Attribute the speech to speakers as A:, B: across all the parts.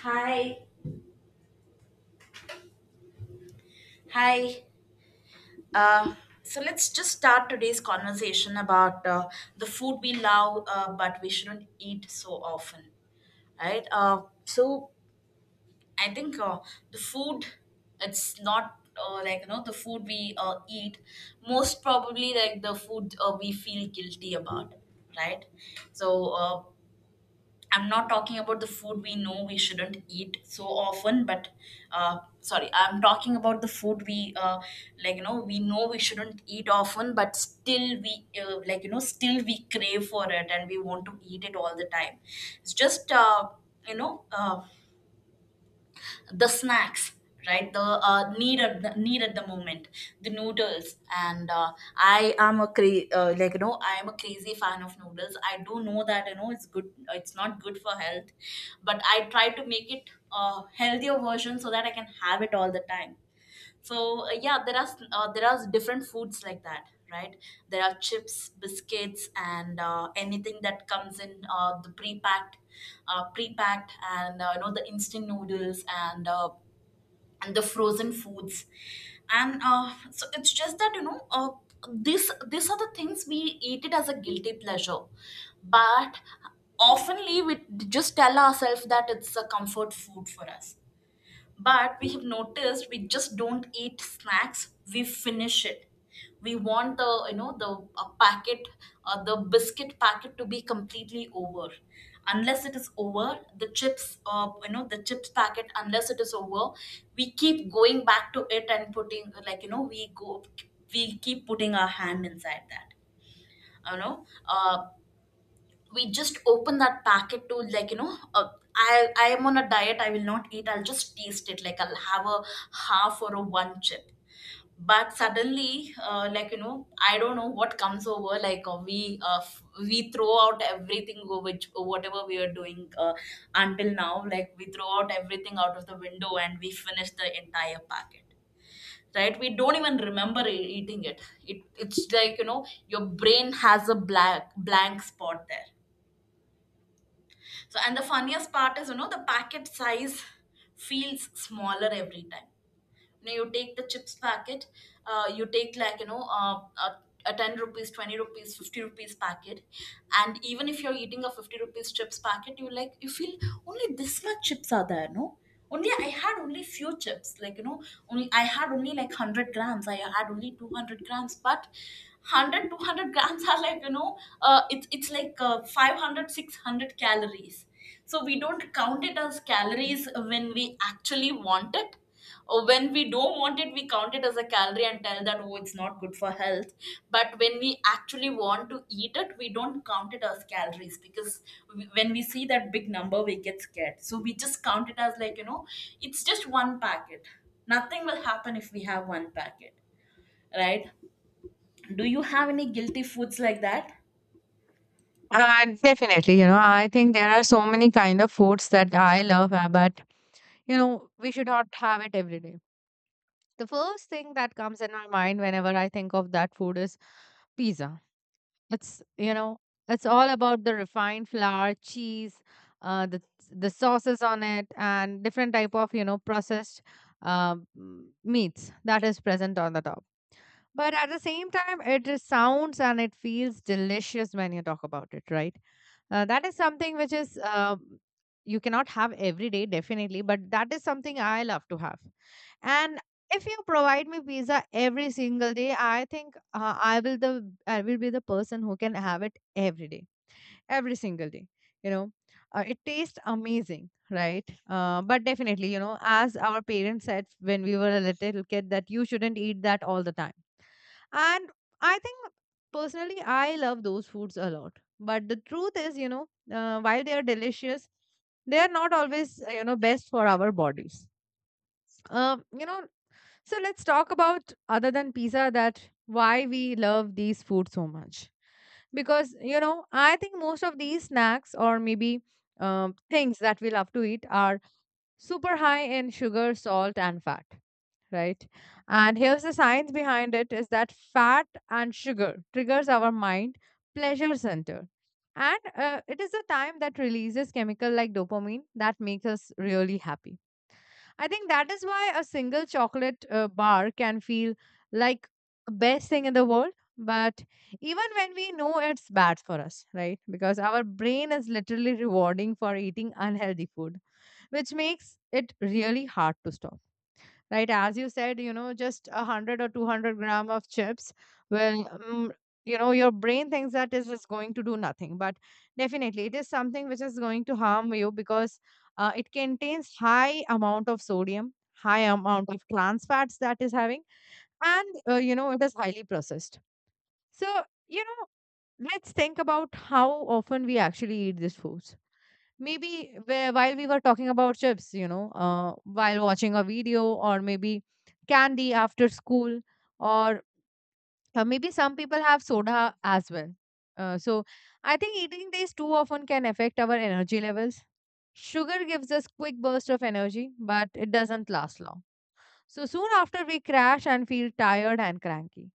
A: Hi, hi. Uh, so let's just start today's conversation about the food we love, but we shouldn't eat so often, right? So I think, the food, it's not like, the food we eat, most probably like the food we feel guilty about, right? So I'm not talking about the food we know we shouldn't eat so often, but sorry, I'm talking about the food we like, we know we shouldn't eat often, but still we like, still we crave for it and we want to eat it all the time. It's just you know uh, the snacks, right? The need at the moment, the noodles. And I am a crazy fan of noodles. I do know that, it's good, it's not good for health, but I try to make it a healthier version so that I can have it all the time. So yeah, there are there are different foods like that, right? There are chips, biscuits, and anything that comes in the pre-packed, and the instant noodles, and and the frozen foods. And so it's just that, this these are the things we eat it as a guilty pleasure, but oftenly we just tell ourselves that it's a comfort food for us. But we have noticed we just don't eat snacks, we finish it. We want the, you know, the packet, the biscuit packet to be completely over. Unless it is over, the chips packet, unless it is over, we keep going back to it and putting, like, we keep putting our hand inside that you know uh, we just open that packet to, I am on a diet. I will not eat, I'll just taste it, like I'll have a half or a one chip. But suddenly, I don't know what comes over, we throw out everything over which whatever we are doing, until now, like, we throw out everything out of the window and we finish the entire packet, right? We don't even remember eating it. It's like, your brain has a black blank spot there. So and the funniest part is, the packet size feels smaller every time. You know, you take the chips packet, you take, a 10 rupees, 20 rupees, 50 rupees packet. And even if you're eating a 50 rupees chips packet, you, like, you feel, only this much chips are there, no? Only I had only few chips, like, only I had only like 100 grams, I had only 200 grams. But 100 200 grams are, it's like 500 600 calories. So we don't count it as calories when we actually want it. Or when we don't want it, we count it as a calorie and tell that, oh, it's not good for health. But when we actually want to eat it, we don't count it as calories, because when we see that big number, we get scared, so we just count it as, it's just one packet, nothing will happen if we have one packet, right? Do you have any guilty foods like that?
B: Definitely, you know, I think there are so many kind of foods that I love, but you know, we should not have it every day. The first thing that comes in my mind whenever I think of that food is pizza. It's you know, it's all about the refined flour, cheese, uh, the the sauces on it, and different type of processed um, meats that is present on the top. But at the same time, it is sounds and it feels delicious when you talk about it, right? That is something which is you cannot have every day, definitely, but that is something I love to have. And if you provide me pizza every single day, I think I will be the person who can have it every day, every single day. You know, it tastes amazing, right? But definitely, you know, as our parents said when we were a little kid, that you shouldn't eat that all the time. And I think personally, I love those foods a lot. But the truth is, you know, while they are delicious, they are not always, you know, best for our bodies. You know, so let's talk about other than pizza that why we love these foods so much. Because, you know, I think most of these snacks or maybe things that we love to eat are super high in sugar, salt, and fat, right? And here's the science behind it is that fat and sugar triggers our mind pleasure center, and it is the time that releases chemical like dopamine that makes us really happy. I think that is why a single chocolate bar can feel like best thing in the world. But even when we know it's bad for us, right? Because our brain is literally rewarding for eating unhealthy food, which makes it really hard to stop, right? As you said, you know, just 100 or 200 gram of chips will, your brain thinks that is just going to do nothing, but definitely it is something which is going to harm you, because it contains high amount of sodium, high amount of trans fats that is having, and you know, it is highly processed. So, you know, let's think about how often we actually eat these foods. Maybe where, while we were talking about chips, you know, while watching a video, or maybe candy after school, or maybe some people have soda as well. So I think eating these too often can affect our energy levels. Sugar gives us quick burst of energy, but it doesn't last long. So soon after we crash and feel tired and cranky.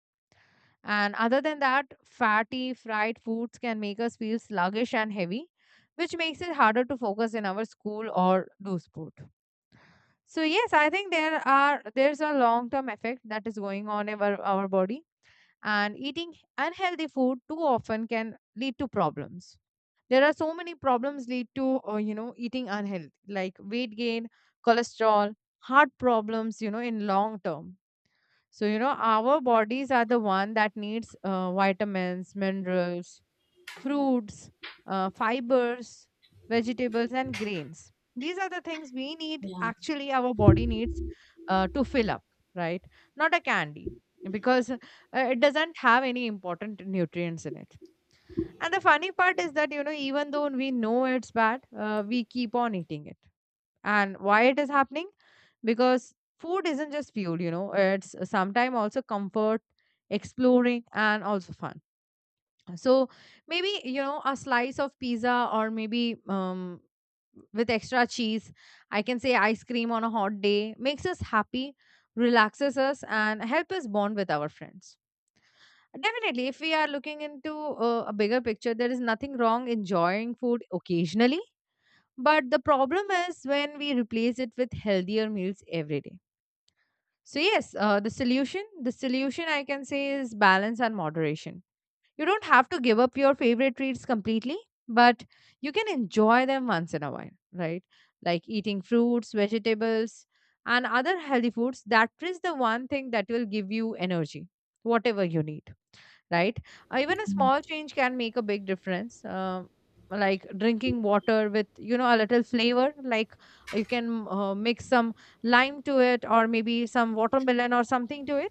B: And other than that, fatty, fried foods can make us feel sluggish and heavy, which makes it harder to focus in our school or do sport. So yes, I think there's a long-term effect that is going on in our body. And eating unhealthy food too often can lead to problems. There are so many problems lead to you know, eating unhealthy, like weight gain, cholesterol, heart problems, you know, in long term. So, you know, our bodies are the one that needs vitamins, minerals, fruits, fibers, vegetables, and grains. These are the things we need,
A: Yeah,
B: actually, our body needs to fill up, right? Not a candy, because it doesn't have any important nutrients in it. And the funny part is that, you know, even though we know it's bad, we keep on eating it. And why it is happening? Because food isn't just fuel, you know, it's sometimes also comfort, exploring, and also fun. So maybe, you know, a slice of pizza or maybe with extra cheese, I can say ice cream on a hot day makes us happy, relaxes us, and help us bond with our friends. Definitely, if we are looking into a bigger picture, there is nothing wrong enjoying food occasionally, but the problem is when we replace it with healthier meals every day. So, yes, the solution I can say is balance and moderation. You don't have to give up your favorite treats completely, but you can enjoy them once in a while, right? Like eating fruits, vegetables, and other healthy foods. That is the one thing that will give you energy, whatever you need, right? Even a small change can make a big difference. Like drinking water with, you know, a little flavor. Like you can mix some lime to it, or maybe some watermelon or something to it,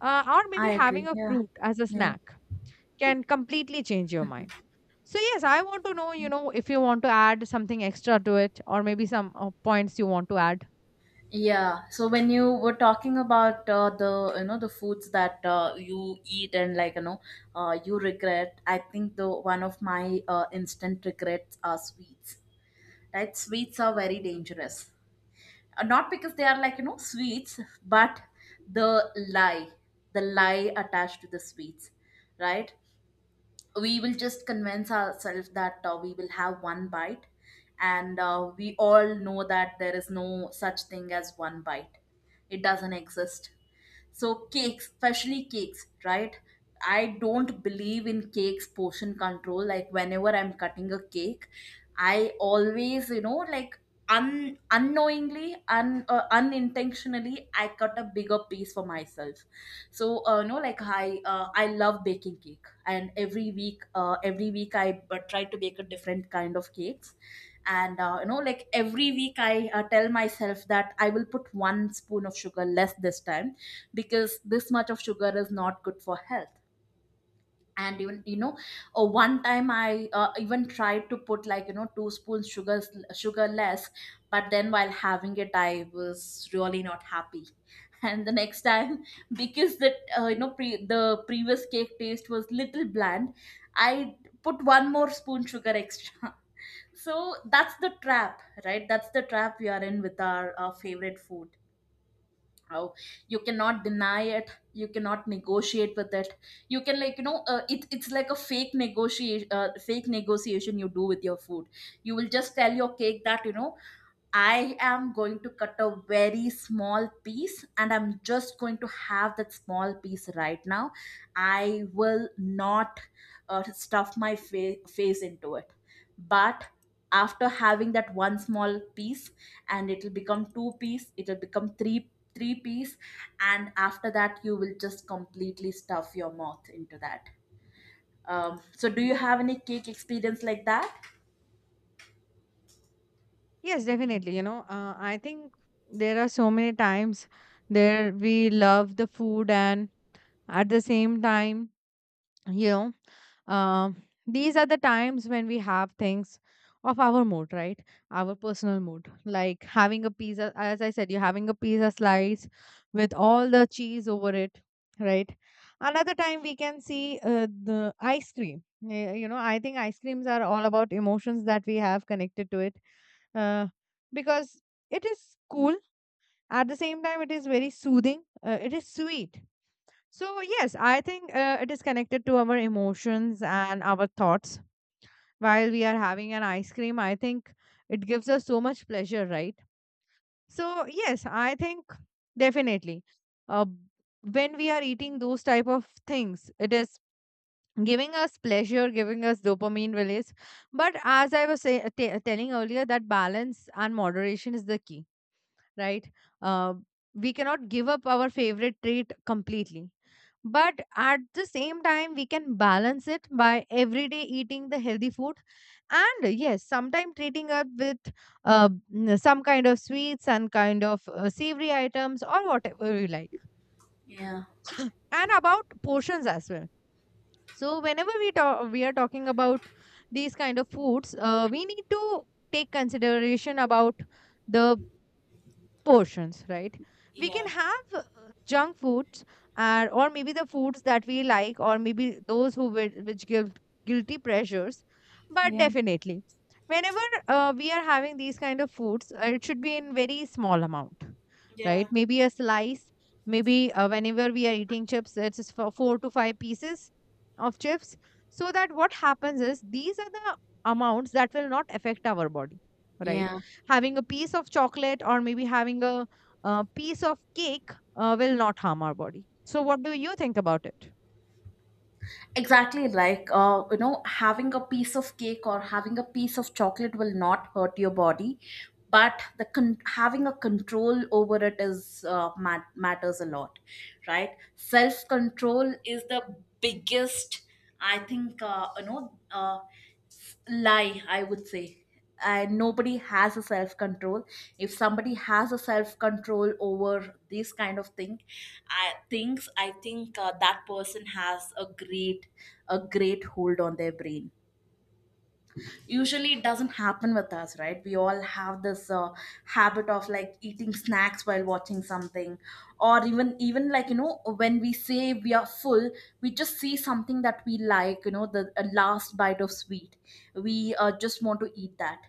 B: or maybe
A: I agree.
B: having a
A: Yeah.
B: fruit as a
A: Yeah.
B: snack can completely change your mind. So yes, I want to know, you know, if you want to add something extra to it, or maybe some points you want to add.
A: Yeah. So when you were talking about the foods that you eat and you regret, I think the one of my instant regrets are sweets. Right? Sweets are very dangerous. Not because they are like, sweets, but the lie, the lie attached to the sweets, right? We will just convince ourselves that, we will have one bite. And we all know that there is no such thing as one bite, it doesn't exist. So cakes, especially cakes, right? I don't believe in cakes portion control. Like whenever I'm cutting a cake, I always, un unknowingly un unintentionally I cut a bigger piece for myself. So no, like I love baking cake. And every week, every week I try to bake a different kind of cakes. And every week I tell myself that I will put one spoon of sugar less this time, because this much of sugar is not good for health. And even, one time I even tried to put, like, two spoons sugar less. But then while having it I was really not happy. And the next time, because that, the previous cake taste was little bland. I put one more spoon sugar extra. So that's the trap, right? That's the trap we are in with our favorite food. Oh, you cannot deny it. You cannot negotiate with it. You can, it's like a fake negotiation, fake negotiation you do with your food. You will just tell your cake that, I am going to cut a very small piece and I'm just going to have that small piece right now. I will not, stuff my face into it. But after having that one small piece, and it'll become two piece, it'll become three piece, and after that you will just completely stuff your mouth into that. So do you have any cake experience like that?
B: Yes, definitely. You know, I think there are so many times there we love the food. And at the same time, you know, these are the times when we have things of our mood, right? Our personal mood. Like having a pizza, as I said, you're having a pizza slice with all the cheese over it, right? Another time we can see the ice cream. You know, I think ice creams are all about emotions that we have connected to it, uh, because it is cool. At the same time, it is very soothing. It is sweet. So, yes, I think it is connected to our emotions and our thoughts. While we are having an ice cream, I think it gives us so much pleasure, right? So, yes, I think, definitely. Uh, when we are eating those type of things, it is giving us pleasure, giving us dopamine release. But as I was telling earlier, that balance and moderation is the key, right? Uh, we cannot give up our favorite trait completely. But at the same time, we can balance it by every day eating the healthy food, and yes, sometimes treating it with uh, some kind of sweets and kind of savory items or whatever you like.
A: Yeah.
B: And about portions as well. So whenever we are talking about these kind of foods, we need to take consideration about the portions, right? We
A: Yeah.
B: can have junk foods, and or maybe the foods that we like, or maybe those which give guilty pleasures. But
A: Yeah.
B: definitely, whenever we are having these kind of foods, it should be in very small amount,
A: Yeah.
B: right? Maybe a slice. Maybe whenever we are eating chips, it's just for 4 to 5 pieces of chips. So that what happens is, these are the amounts that will not affect our body, right?
A: Yeah,
B: Having a piece of chocolate, or maybe having a piece of cake will not harm our body. So, what do you think about it?
A: exactly, like, having a piece of cake or having a piece of chocolate will not hurt your body. But having a control over it matters a lot, right? Self control is the biggest, I think, lie, I would say. And nobody has a self control. If somebody has a self control over this kind of thing, I think that person has a great, a great hold on their brain. Usually it doesn't happen with us, right? We all have this habit of like eating snacks while watching something. Or even, like, when we say we are full, we just see something that we, like, the last bite of sweet, we just want to eat that.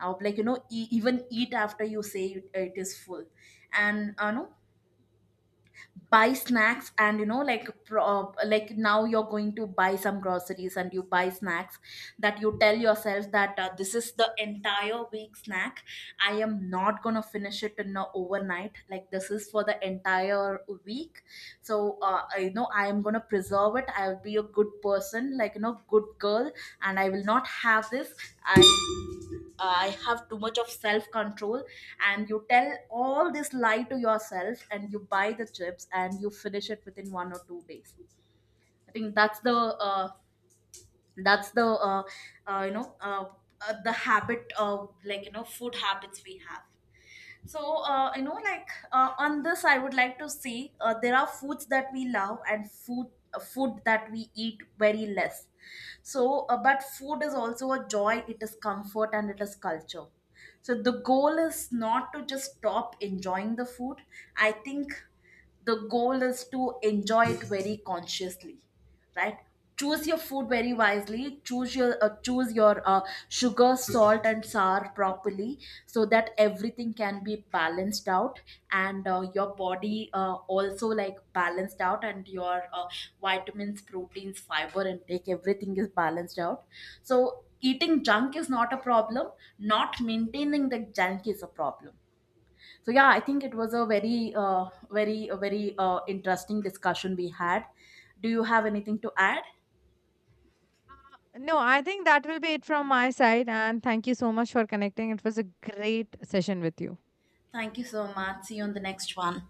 A: Even eat after you say it, it is full. And no, buy snacks. And like now you're going to buy some groceries and you buy snacks that you tell yourself that, this is the entire week snack. I am not going to finish it in a overnight, like this is for the entire week. So I am going to preserve it, I will be a good person, like, good girl, and I will not have this i I have too much of self control, and you tell all this lie to yourself, and you buy the chips and you finish it within 1 or 2 days. I think that's the uh, you know uh, the habit of like, food habits we have. So, on this, I would like to say, there are foods that we love and food that we eat very less. But food is also a joy. It is comfort and it is culture. So the goal is not to just stop enjoying the food. I think the goal is to enjoy it very consciously, right? Choose your food very wisely. Choose your, sugar, salt, and sour properly, so that everything can be balanced out, and your body also, like, balanced out, and your vitamins, proteins, fiber intake, everything is balanced out. So eating junk is not a problem. Not maintaining the junk is a problem. So yeah, I think it was a very interesting discussion we had. Do you have anything to add?
B: No, I think that will be it from my side. And thank you so much for connecting. It was a great session with you.
A: Thank you so much. See you on the next one.